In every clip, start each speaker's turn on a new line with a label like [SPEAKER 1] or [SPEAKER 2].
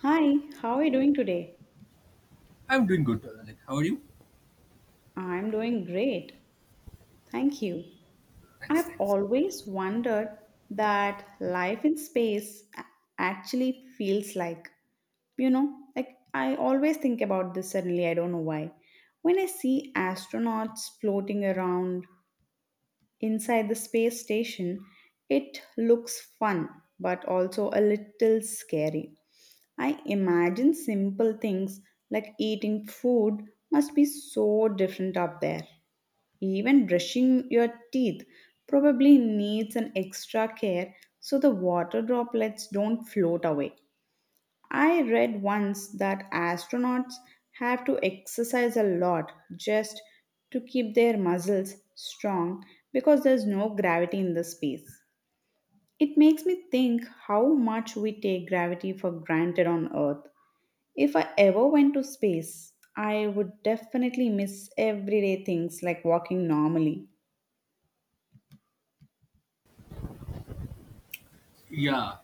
[SPEAKER 1] Hi, how are you doing today?
[SPEAKER 2] I'm doing good. Like, how are you?
[SPEAKER 1] I'm doing great. Thank you.
[SPEAKER 2] Thanks,
[SPEAKER 1] I've
[SPEAKER 2] thanks.
[SPEAKER 1] always wondered that life in space actually feels like, like I always think about this suddenly, I don't know why. When I see astronauts floating around inside the space station, it looks fun but also a little scary. I imagine simple things like eating food must be so different up there. Even brushing your teeth probably needs an extra care so the water droplets don't float away. I read once that astronauts have to exercise a lot just to keep their muscles strong because there's no gravity in the space. It makes me think how much we take gravity for granted on Earth. If I ever went to space, I would definitely miss everyday things like walking normally.
[SPEAKER 2] Yeah,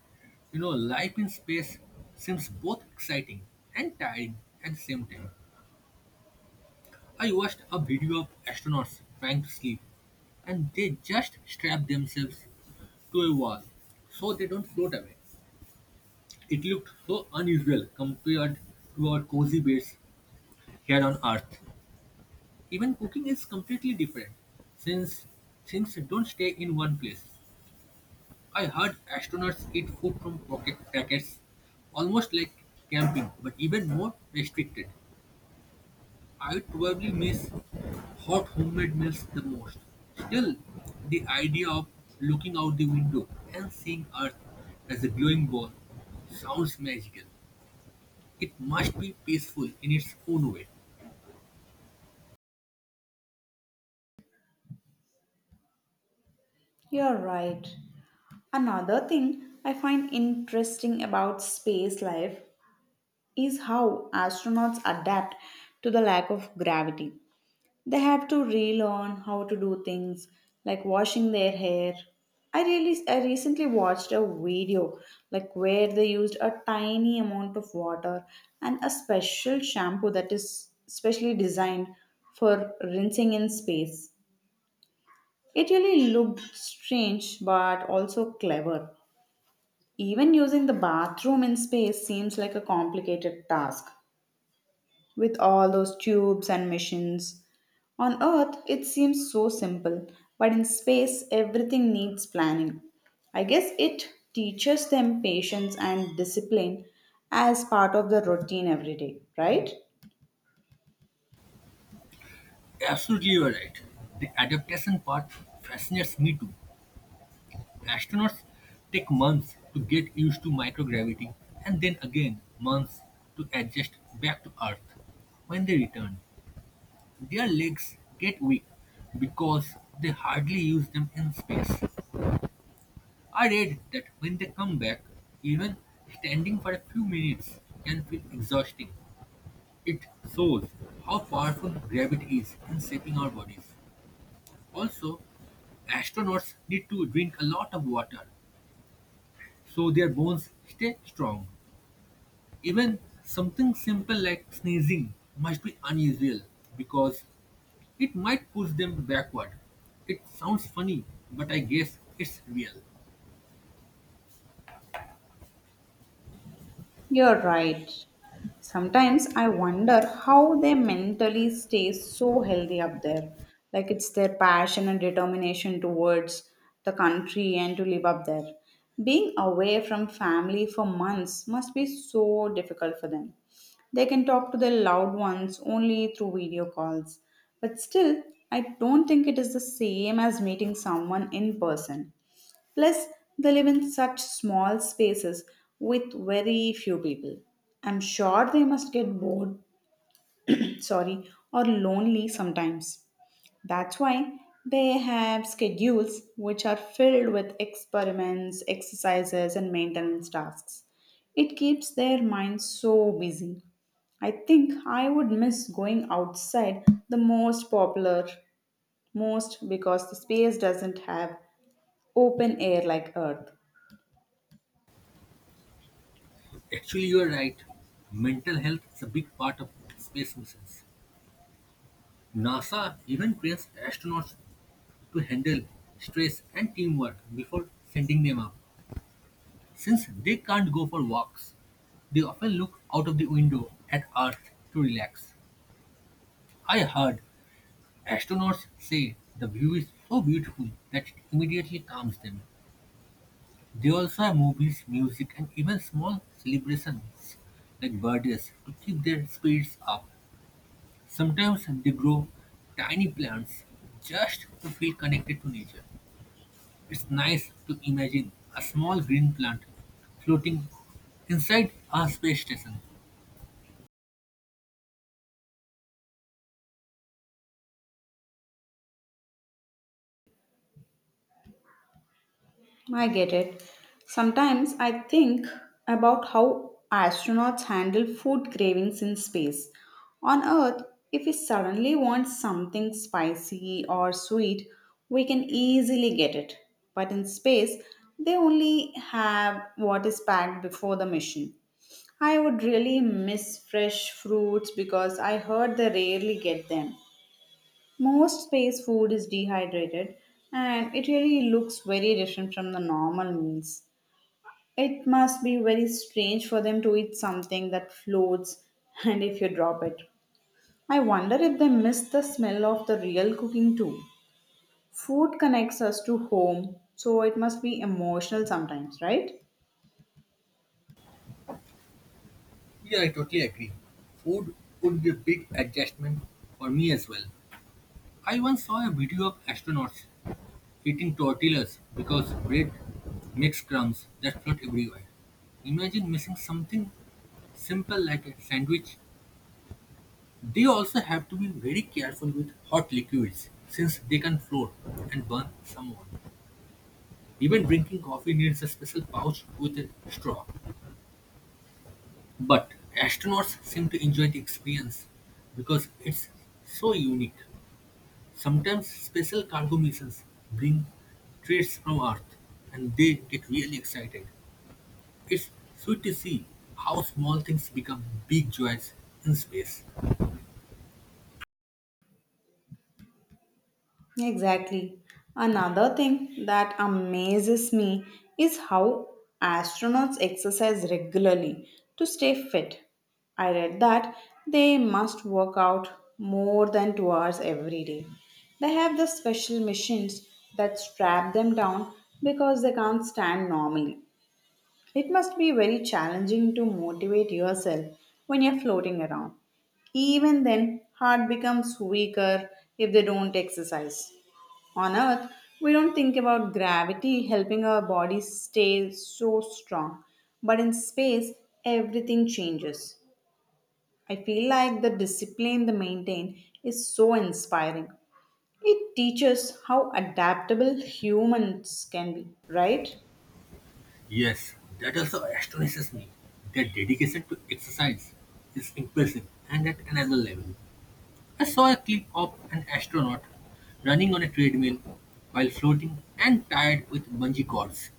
[SPEAKER 2] you know, life in space seems both exciting and tiring at the same time. I watched a video of astronauts trying to sleep, and they just strap themselves to a wall so they don't float away. It looked so unusual compared to our cozy beds here on Earth. Even cooking is completely different since things don't stay in one place. I heard astronauts eat food from pocket packets, almost like camping, but even more restricted. I would probably miss hot homemade meals the most. Still, the idea of looking out the window and seeing Earth as a glowing ball sounds magical. It must be peaceful in its own way.
[SPEAKER 1] You're right. Another thing I find interesting about space life is how astronauts adapt to the lack of gravity. They have to relearn how to do things like washing their hair. I recently watched a video like where they used a tiny amount of water and a special shampoo that is specially designed for rinsing in space. It really looked strange but also clever. Even using the bathroom in space seems like a complicated task with all those tubes and machines. On Earth, it seems so simple, but in space, everything needs planning. I guess it teaches them patience and discipline as part of the routine every day, right?
[SPEAKER 2] Absolutely, you are right. The adaptation part fascinates me too. Astronauts take months to get used to microgravity and then again months to adjust back to Earth. When they return, their legs get weak because they hardly use them in space. I read that when they come back, even standing for a few minutes can feel exhausting. It shows how powerful gravity is in shaping our bodies. Also, astronauts need to drink a lot of water so their bones stay strong. Even something simple like sneezing must be unusual because it might push them backward. It sounds funny, but I guess it's real.
[SPEAKER 1] You're right. Sometimes I wonder how they mentally stay so healthy up there. Like it's their passion and determination towards the country and to live up there. Being away from family for months must be so difficult for them. They can talk to their loved ones only through video calls. But still, I don't think it is the same as meeting someone in person. Plus, they live in such small spaces with very few people. I'm sure they must get bored, sorry, or lonely sometimes. That's why they have schedules which are filled with experiments, exercises, and maintenance tasks. It keeps their minds so busy. I think I would miss going outside most because the space doesn't have open air like Earth.
[SPEAKER 2] Actually, you're right. Mental health is a big part of space missions. NASA even trains astronauts to handle stress and teamwork before sending them up. Since they can't go for walks, they often look out of the window at Earth to relax. I heard astronauts say the view is so beautiful that it immediately calms them. They also have movies, music, and even small celebrations like birthdays to keep their spirits up. Sometimes they grow tiny plants just to feel connected to nature. It's nice to imagine a small green plant floating inside our space station.
[SPEAKER 1] I get it. Sometimes I think about how astronauts handle food cravings in space. On Earth, if we suddenly want something spicy or sweet, we can easily get it. But in space, they only have what is packed before the mission. I would really miss fresh fruits because I heard they rarely get them. Most space food is dehydrated and it really looks very different from the normal meals. It must be very strange for them to eat something that floats and if you drop it. I wonder if they miss the smell of the real cooking too. Food connects us to home, so it must be emotional sometimes, right?
[SPEAKER 2] Yeah, I totally agree. Food would be a big adjustment for me as well. I once saw a video of astronauts eating tortillas because bread makes crumbs that float everywhere. Imagine missing something simple like a sandwich. They also have to be very careful with hot liquids since they can float and burn someone. Even drinking coffee needs a special pouch with a straw. But astronauts seem to enjoy the experience because it's so unique. Sometimes special cargo missions bring treats from Earth and they get really excited. It's sweet to see how small things become big joys in space.
[SPEAKER 1] Exactly. Another thing that amazes me is how astronauts exercise regularly to stay fit. I read that they must work out more than 2 hours every day. They have the special machines that strap them down because they can't stand normally. It must be very challenging to motivate yourself when you're floating around. Even then, heart becomes weaker if they don't exercise. On Earth, we don't think about gravity helping our bodies stay so strong. But in space, everything changes. I feel like the discipline they maintain is so inspiring. It teaches how adaptable humans can be, right?
[SPEAKER 2] Yes, that also astonishes me. Their dedication to exercise is impressive and at another level. I saw a clip of an astronaut running on a treadmill while floating and tied with bungee cords.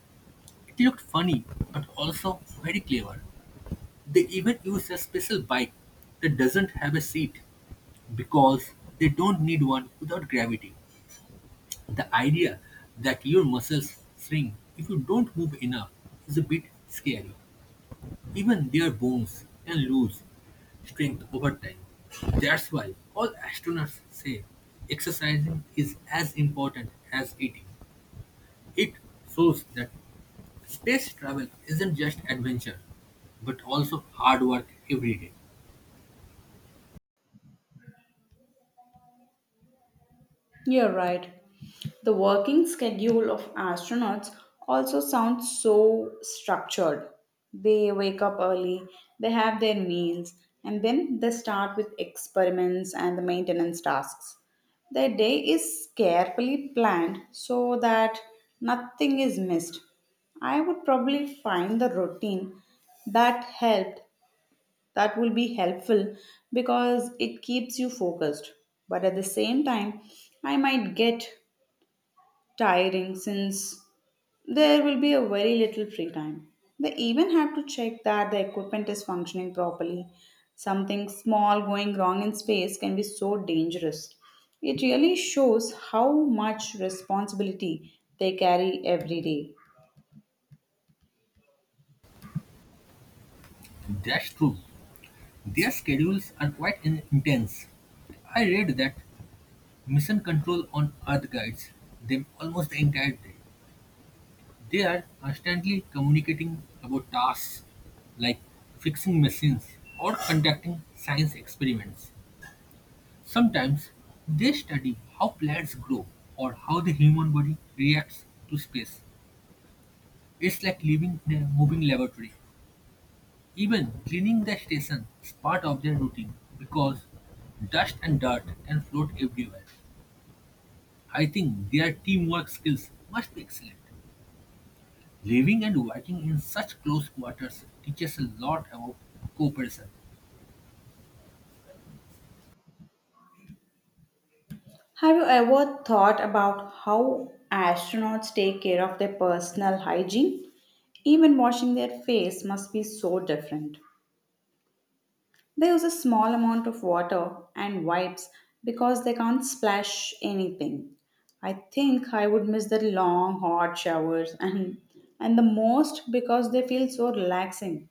[SPEAKER 2] It looked funny but also very clever. They even use a special bike that doesn't have a seat because they don't need one without gravity. The idea that your muscles shrink if you don't move enough is a bit scary. Even their bones can lose strength over time. That's why all astronauts say exercising is as important as eating. It shows that space travel isn't just adventure, but also hard work every day.
[SPEAKER 1] You're right. The working schedule of astronauts also sounds so structured. They wake up early, they have their meals, and then they start with experiments and the maintenance tasks. Their day is carefully planned so that nothing is missed. I would probably find the routine that helped that will be helpful because it keeps you focused. But at the same time, I might get tiring since there will be a very little free time. They even have to check that the equipment is functioning properly. Something small going wrong in space can be so dangerous. It really shows how much responsibility they carry every day.
[SPEAKER 2] That's true. Their schedules are quite intense. I read that Mission Control on Earth guides them almost the entire day. They are constantly communicating about tasks like fixing machines or conducting science experiments. Sometimes they study how plants grow or how the human body reacts to space. It's like living in a moving laboratory. Even cleaning the station is part of their routine because dust and dirt can float everywhere. I think their teamwork skills must be excellent. Living and working in such close quarters teaches a lot about cooperation.
[SPEAKER 1] Have you ever thought about how astronauts take care of their personal hygiene? Even washing their face must be so different. They use a small amount of water and wipes because they can't splash anything. I think I would miss the long hot showers and the most because they feel so relaxing.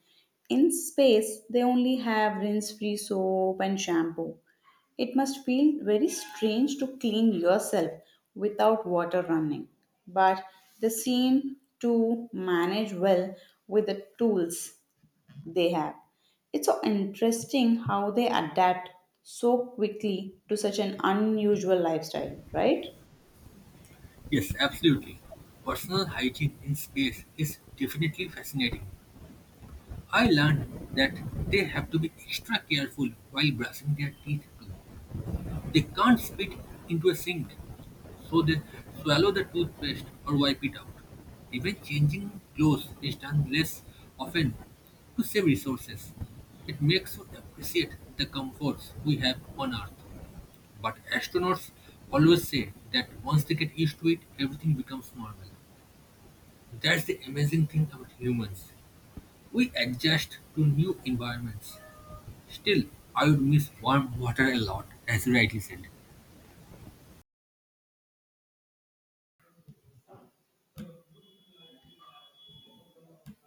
[SPEAKER 1] In space, they only have rinse-free soap and shampoo. It must feel very strange to clean yourself without water running, but they seem to manage well with the tools they have. It's so interesting how they adapt so quickly to such an unusual lifestyle, right?
[SPEAKER 2] Yes, absolutely. Personal hygiene in space is definitely fascinating. I learned that they have to be extra careful while brushing their teeth too. They can't spit into a sink, so they swallow the toothpaste or wipe it out. Even changing clothes is done less often to save resources. It makes you appreciate the comforts we have on Earth. But astronauts always say that once they get used to it, everything becomes normal. That's the amazing thing about humans. We adjust to new environments. Still, I would miss warm water a lot, as you rightly said.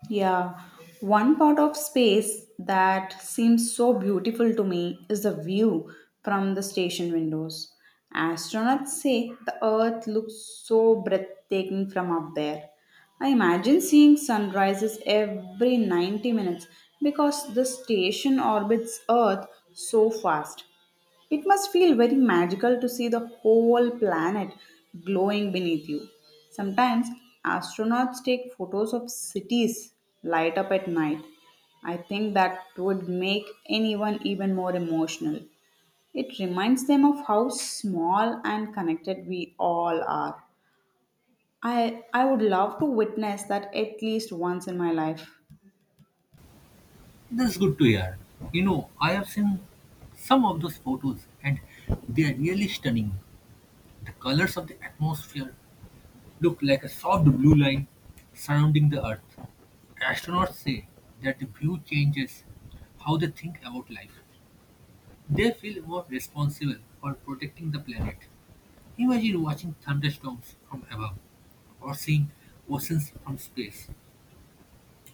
[SPEAKER 1] Yeah, one part of space that seems so beautiful to me is the view from the station windows. Astronauts say the Earth looks so breathtaking from up there. I imagine seeing sunrises every 90 minutes because the station orbits Earth so fast. It must feel very magical to see the whole planet glowing beneath you. Sometimes astronauts take photos of cities light up at night. I think that would make anyone even more emotional. It reminds them of how small and connected we all are. I would love to witness that at least once in my life.
[SPEAKER 2] That's good to hear. You know, I have seen some of those photos and they are really stunning. The colors of the atmosphere look like a soft blue line surrounding the Earth. Astronauts say that the view changes how they think about life. They feel more responsible for protecting the planet. Imagine watching thunderstorms from above or seeing oceans from space.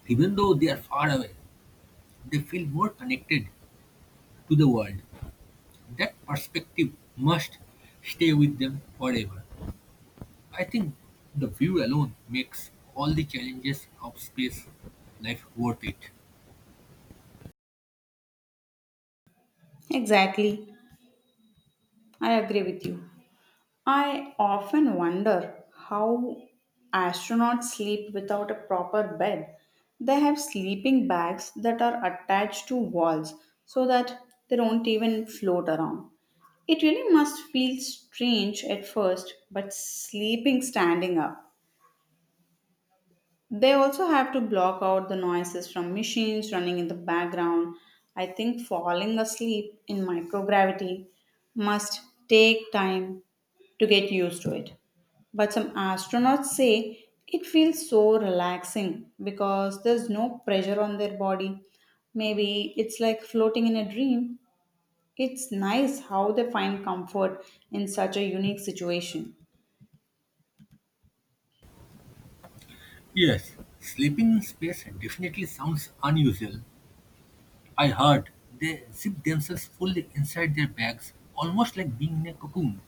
[SPEAKER 2] Even though they are far away, they feel more connected to the world. That perspective must stay with them forever. I think the view alone makes all the challenges of space life worth it.
[SPEAKER 1] Exactly. I agree with you. I often wonder how astronauts sleep without a proper bed. They have sleeping bags that are attached to walls so that they don't even float around. It really must feel strange at first, but sleeping standing up. They also have to block out the noises from machines running in the background. I think falling asleep in microgravity must take time to get used to it. But some astronauts say it feels so relaxing because there's no pressure on their body. Maybe it's like floating in a dream. It's nice how they find comfort in such a unique situation.
[SPEAKER 2] Yes, sleeping in space definitely sounds unusual. I heard they zip themselves fully inside their bags, almost like being in a cocoon.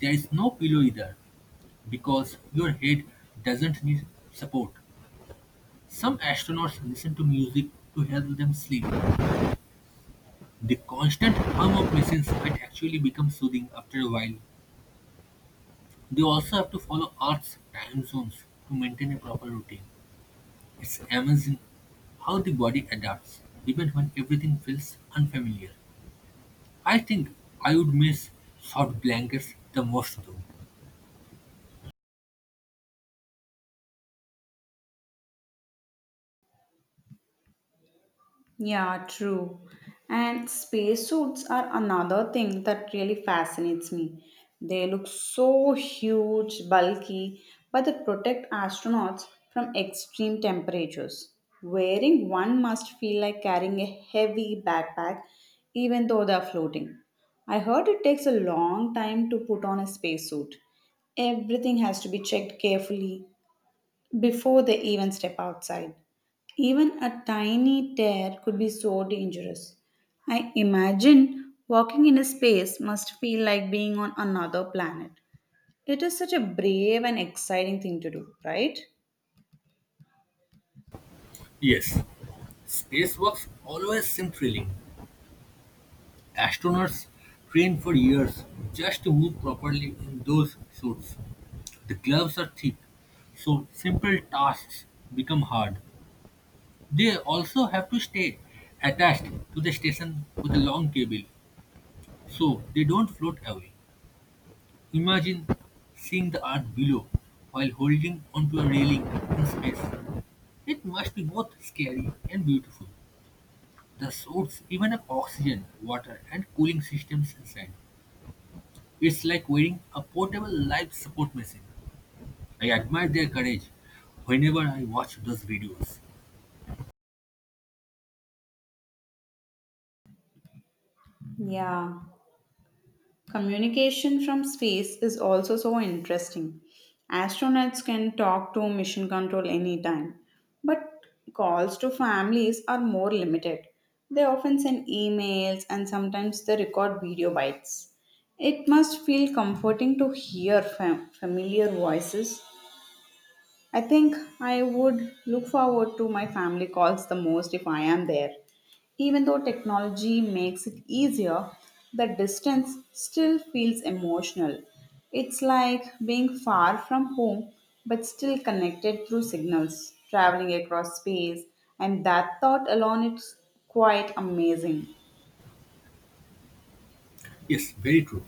[SPEAKER 2] There is no pillow either, because your head doesn't need support. Some astronauts listen to music to help them sleep. The constant hum of machines might actually become soothing after a while. They also have to follow Earth's time zones to maintain a proper routine. It's amazing how the body adapts, even when everything feels unfamiliar. I think I would miss soft blankets the most though.
[SPEAKER 1] Yeah, true. And spacesuits are another thing that really fascinates me. They look so huge, bulky, but they protect astronauts from extreme temperatures. Wearing one must feel like carrying a heavy backpack, even though they're floating. I heard it takes a long time to put on a spacesuit. Everything has to be checked carefully, before they even step outside. Even a tiny tear could be so dangerous. I imagine walking in a space must feel like being on another planet. It is such a brave and exciting thing to do, right?
[SPEAKER 2] Yes, spacewalks always seem thrilling. Astronauts train for years just to move properly in those suits. The gloves are thick, so simple tasks become hard. They also have to stay attached to the station with a long cable so they don't float away. Imagine seeing the earth below while holding onto a railing in space. It must be both scary and beautiful. The suits even have oxygen, water, and cooling systems inside. It's like wearing a portable life support machine. I admire their courage whenever I watch those videos.
[SPEAKER 1] Yeah. Communication from space is also so interesting. Astronauts can talk to mission control anytime, but calls to families are more limited. They often send emails and sometimes they record video bites. It must feel comforting to hear familiar voices. I think I would look forward to my family calls the most if I am there. Even though technology makes it easier, the distance still feels emotional. It's like being far from home but still connected through signals, traveling across space, and that thought alone is quite amazing.
[SPEAKER 2] Yes, very true.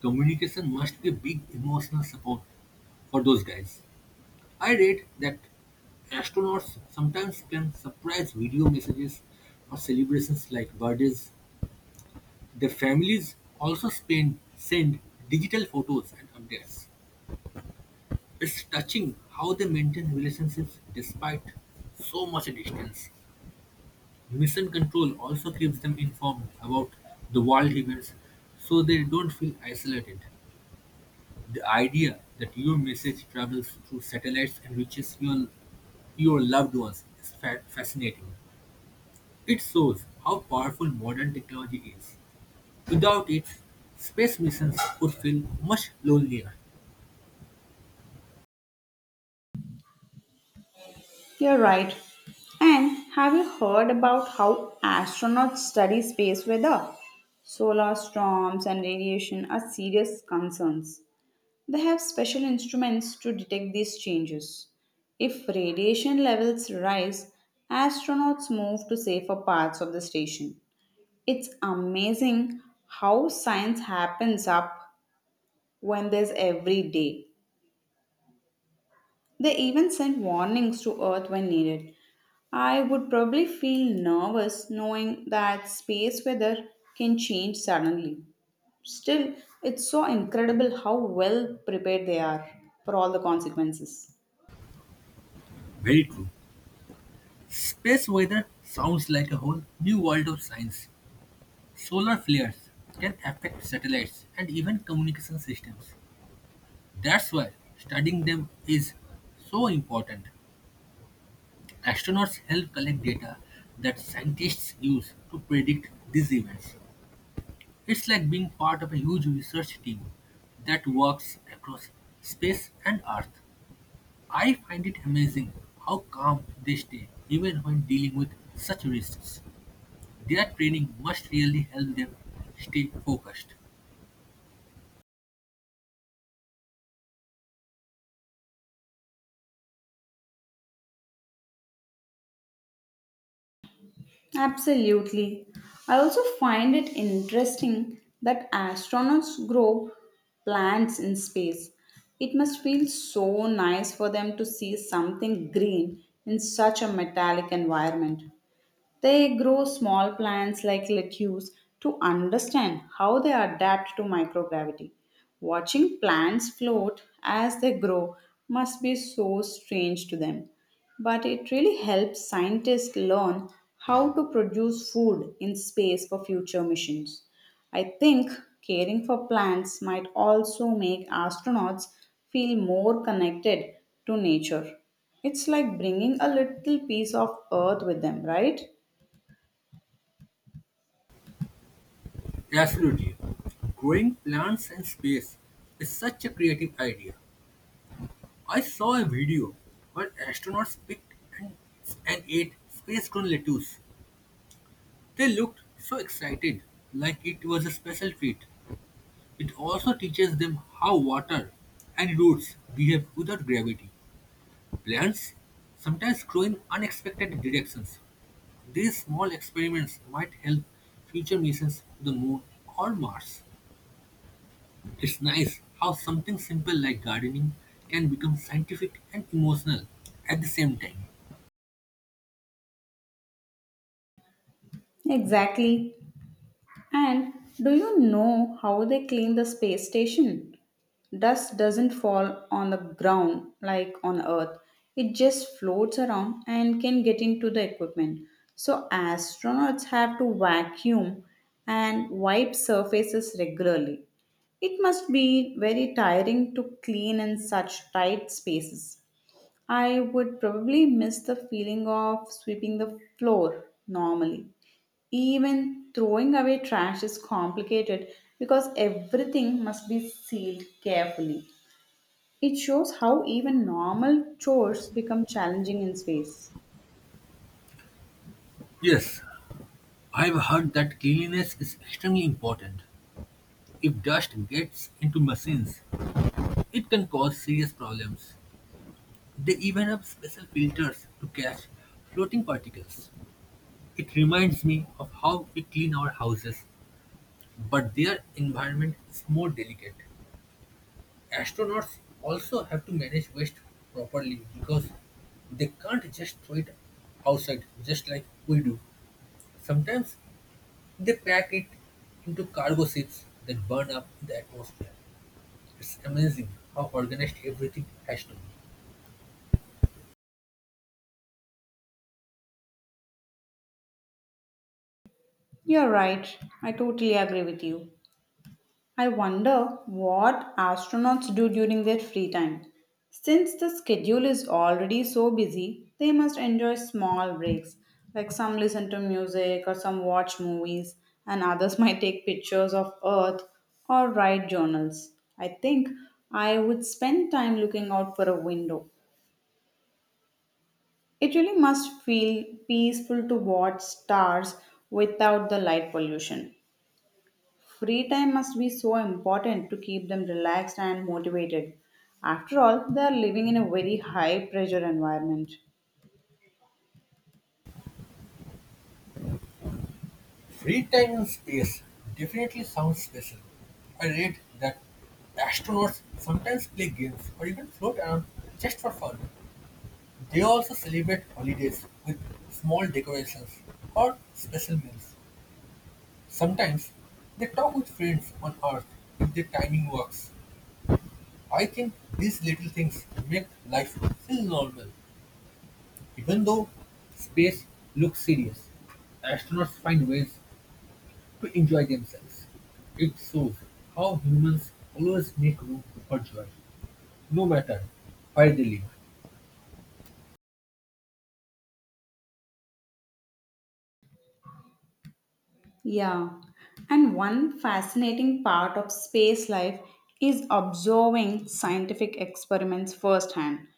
[SPEAKER 2] Communication must be a big emotional support for those guys. I read that astronauts sometimes plan surprise video messages for celebrations like birthdays. The families also send digital photos and updates. It's touching how they maintain relationships despite so much distance. Mission control also keeps them informed about the world events so they don't feel isolated. The idea that your message travels through satellites and reaches your loved ones is fascinating. It shows how powerful modern technology is. Without it, space missions would feel much lonelier.
[SPEAKER 1] You're right. And have you heard about how astronauts study space weather? Solar storms and radiation are serious concerns. They have special instruments to detect these changes. If radiation levels rise, astronauts move to safer parts of the station. It's amazing how science happens up when there's every day. They even send warnings to Earth when needed. I would probably feel nervous knowing that space weather can change suddenly. Still, it's so incredible how well prepared they are for all the consequences.
[SPEAKER 2] Very true. Space weather sounds like a whole new world of science. Solar flares can affect satellites and even communication systems. That's why studying them is so important. Astronauts help collect data that scientists use to predict these events. It's like being part of a huge research team that works across space and Earth. I find it amazing how calm they stay even when dealing with such risks. Their training must really help them stay focused.
[SPEAKER 1] Absolutely. I also find it interesting that astronauts grow plants in space. It must feel so nice for them to see something green in such a metallic environment. They grow small plants like lettuce to understand how they adapt to microgravity. Watching plants float as they grow must be so strange to them, but it really helps scientists learn how to produce food in space for future missions. I think caring for plants might also make astronauts feel more connected to nature. It's like bringing a little piece of earth with them, right?
[SPEAKER 2] Absolutely. Growing plants in space is such a creative idea. I saw a video where astronauts picked and, and ate space grown lettuce. They looked so excited, like it was a special treat. It also teaches them how water and roots behave without gravity. Plants sometimes grow in unexpected directions. These small experiments might help future missions to the Moon or Mars. It's nice how something simple like gardening can become scientific and emotional at the same time.
[SPEAKER 1] Exactly. And do you know how they clean the space station? Dust doesn't fall on the ground like on Earth. It just floats around and can get into the equipment. So astronauts have to vacuum and wipe surfaces regularly. It must be very tiring to clean in such tight spaces. I would probably miss the feeling of sweeping the floor normally. Even throwing away trash is complicated because everything must be sealed carefully. It shows how even normal chores become challenging in space.
[SPEAKER 2] Yes, I've heard that cleanliness is extremely important. If dust gets into machines, it can cause serious problems. They even have special filters to catch floating particles. It reminds me of how we clean our houses. But their environment is more delicate. Astronauts also have to manage waste properly because they can't just throw it outside just like we do. Sometimes they pack it into cargo ships that burn up in the atmosphere. It's amazing how organized everything has to be.
[SPEAKER 1] You're right. I totally agree with you. I wonder what astronauts do during their free time. Since the schedule is already so busy, they must enjoy small breaks. Like some listen to music or some watch movies, and others might take pictures of Earth or write journals. I think I would spend time looking out for a window. It really must feel peaceful to watch stars without the light pollution. Free time must be so important to keep them relaxed and motivated. After all, they are living in a very high pressure environment.
[SPEAKER 2] Free time in space definitely sounds special. I read that astronauts sometimes play games or even float around just for fun. They also celebrate holidays with small decorations or special meals. Sometimes they talk with friends on Earth if their timing works. I think these little things make life feel normal, even though space looks serious. Astronauts find ways to enjoy themselves. It shows how humans always make room for joy, no matter where they live.
[SPEAKER 1] Yeah, and one fascinating part of space life is observing scientific experiments firsthand.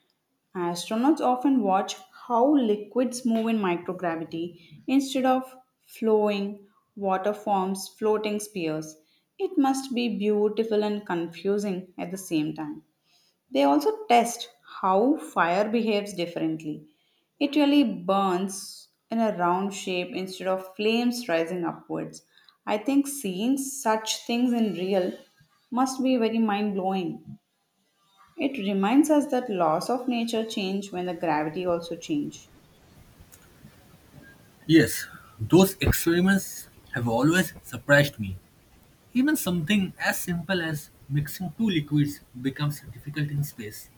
[SPEAKER 1] Astronauts often watch how liquids move in microgravity instead of flowing, water forms floating spheres. It must be beautiful and confusing at the same time. They also test how fire behaves differently. It really burns in a round shape instead of flames rising upwards. I think seeing such things in real must be very mind blowing. It reminds us that laws of nature change when the gravity also change.
[SPEAKER 2] Yes, those experiments have always surprised me. Even something as simple as mixing two liquids becomes difficult in space.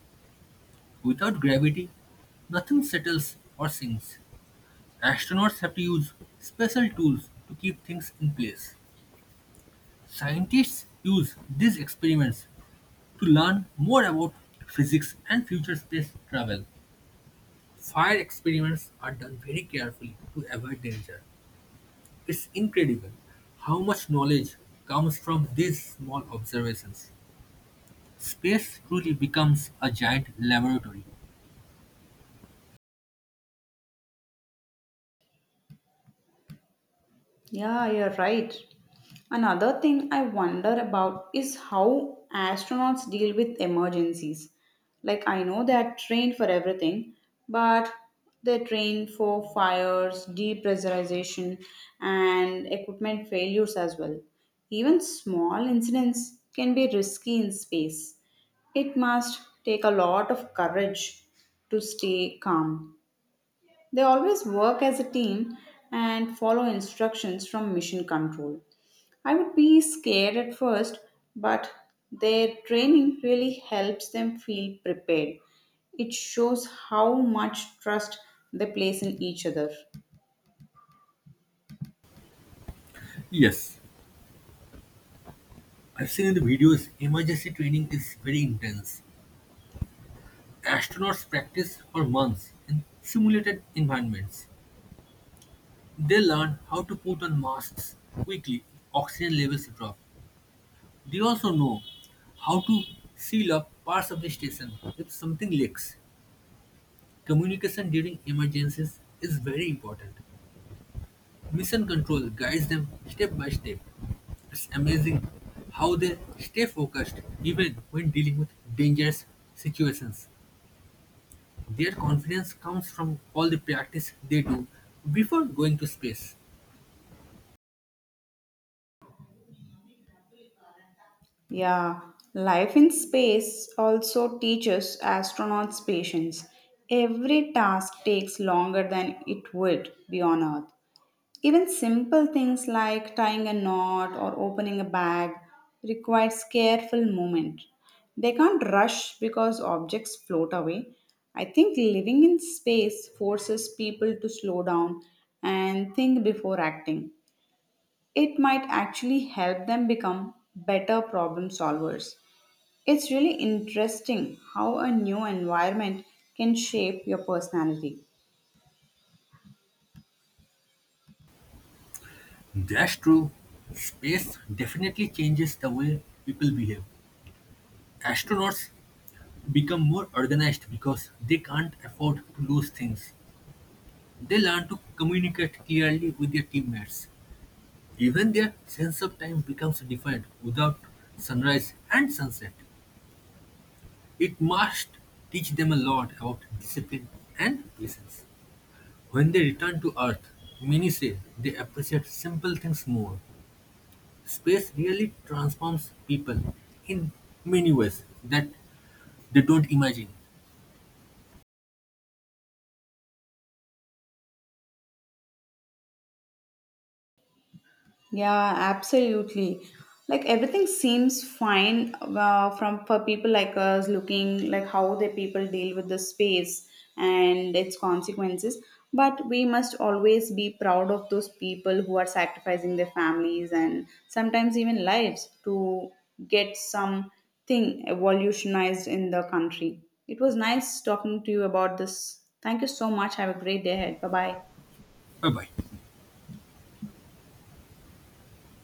[SPEAKER 2] Without gravity, nothing settles or sinks. Astronauts have to use special tools to keep things in place. Scientists use these experiments to learn more about physics and future space travel. Fire experiments are done very carefully to avoid danger. It's incredible how much knowledge comes from these small observations. Space truly becomes a giant laboratory.
[SPEAKER 1] Yeah, you're right. Another thing I wonder about is how astronauts deal with emergencies. Like, I know they're trained for everything, but they're trained for fires, depressurization, and equipment failures as well. Even small incidents can be risky in space. It must take a lot of courage to stay calm. They always work as a team and follow instructions from mission control. I would be scared at first, but their training really helps them feel prepared. It shows how much trust they place in each other.
[SPEAKER 2] Yes, I've seen in the videos emergency training is very intense. Astronauts practice for months in simulated environments. They learn how to put on masks quickly if oxygen levels drop. They also know how to seal up parts of the station if something leaks. Communication during emergencies is very important. Mission Control guides them step by step. It's amazing how they stay focused even when dealing with dangerous situations. Their confidence comes from all the practice they do before going to space.
[SPEAKER 1] Yeah, life in space also teaches astronauts patience. Every task takes longer than it would be on Earth. Even simple things like tying a knot or opening a bag requires careful movement. They can't rush because objects float away. I think living in space forces people to slow down and think before acting. It might actually help them become better problem solvers. It's really interesting how a new environment can shape your personality.
[SPEAKER 2] That's true. Space definitely changes the way people behave. Astronauts become more organized because they can't afford to lose things. They learn to communicate clearly with their teammates. Even their sense of time becomes defined without sunrise and sunset. It must teach them a lot about discipline and patience. When they return to Earth, many say they appreciate simple things more. Space really transforms people in many ways that they don't imagine.
[SPEAKER 1] Yeah, absolutely. Like everything seems fine from for people like us looking like how the people deal with the space and its consequences. But we must always be proud of those people who are sacrificing their families and sometimes even lives to get something evolutionized in the country. It was nice talking to you about this. Thank you so much. Have a great day ahead. Bye bye.
[SPEAKER 2] Bye bye.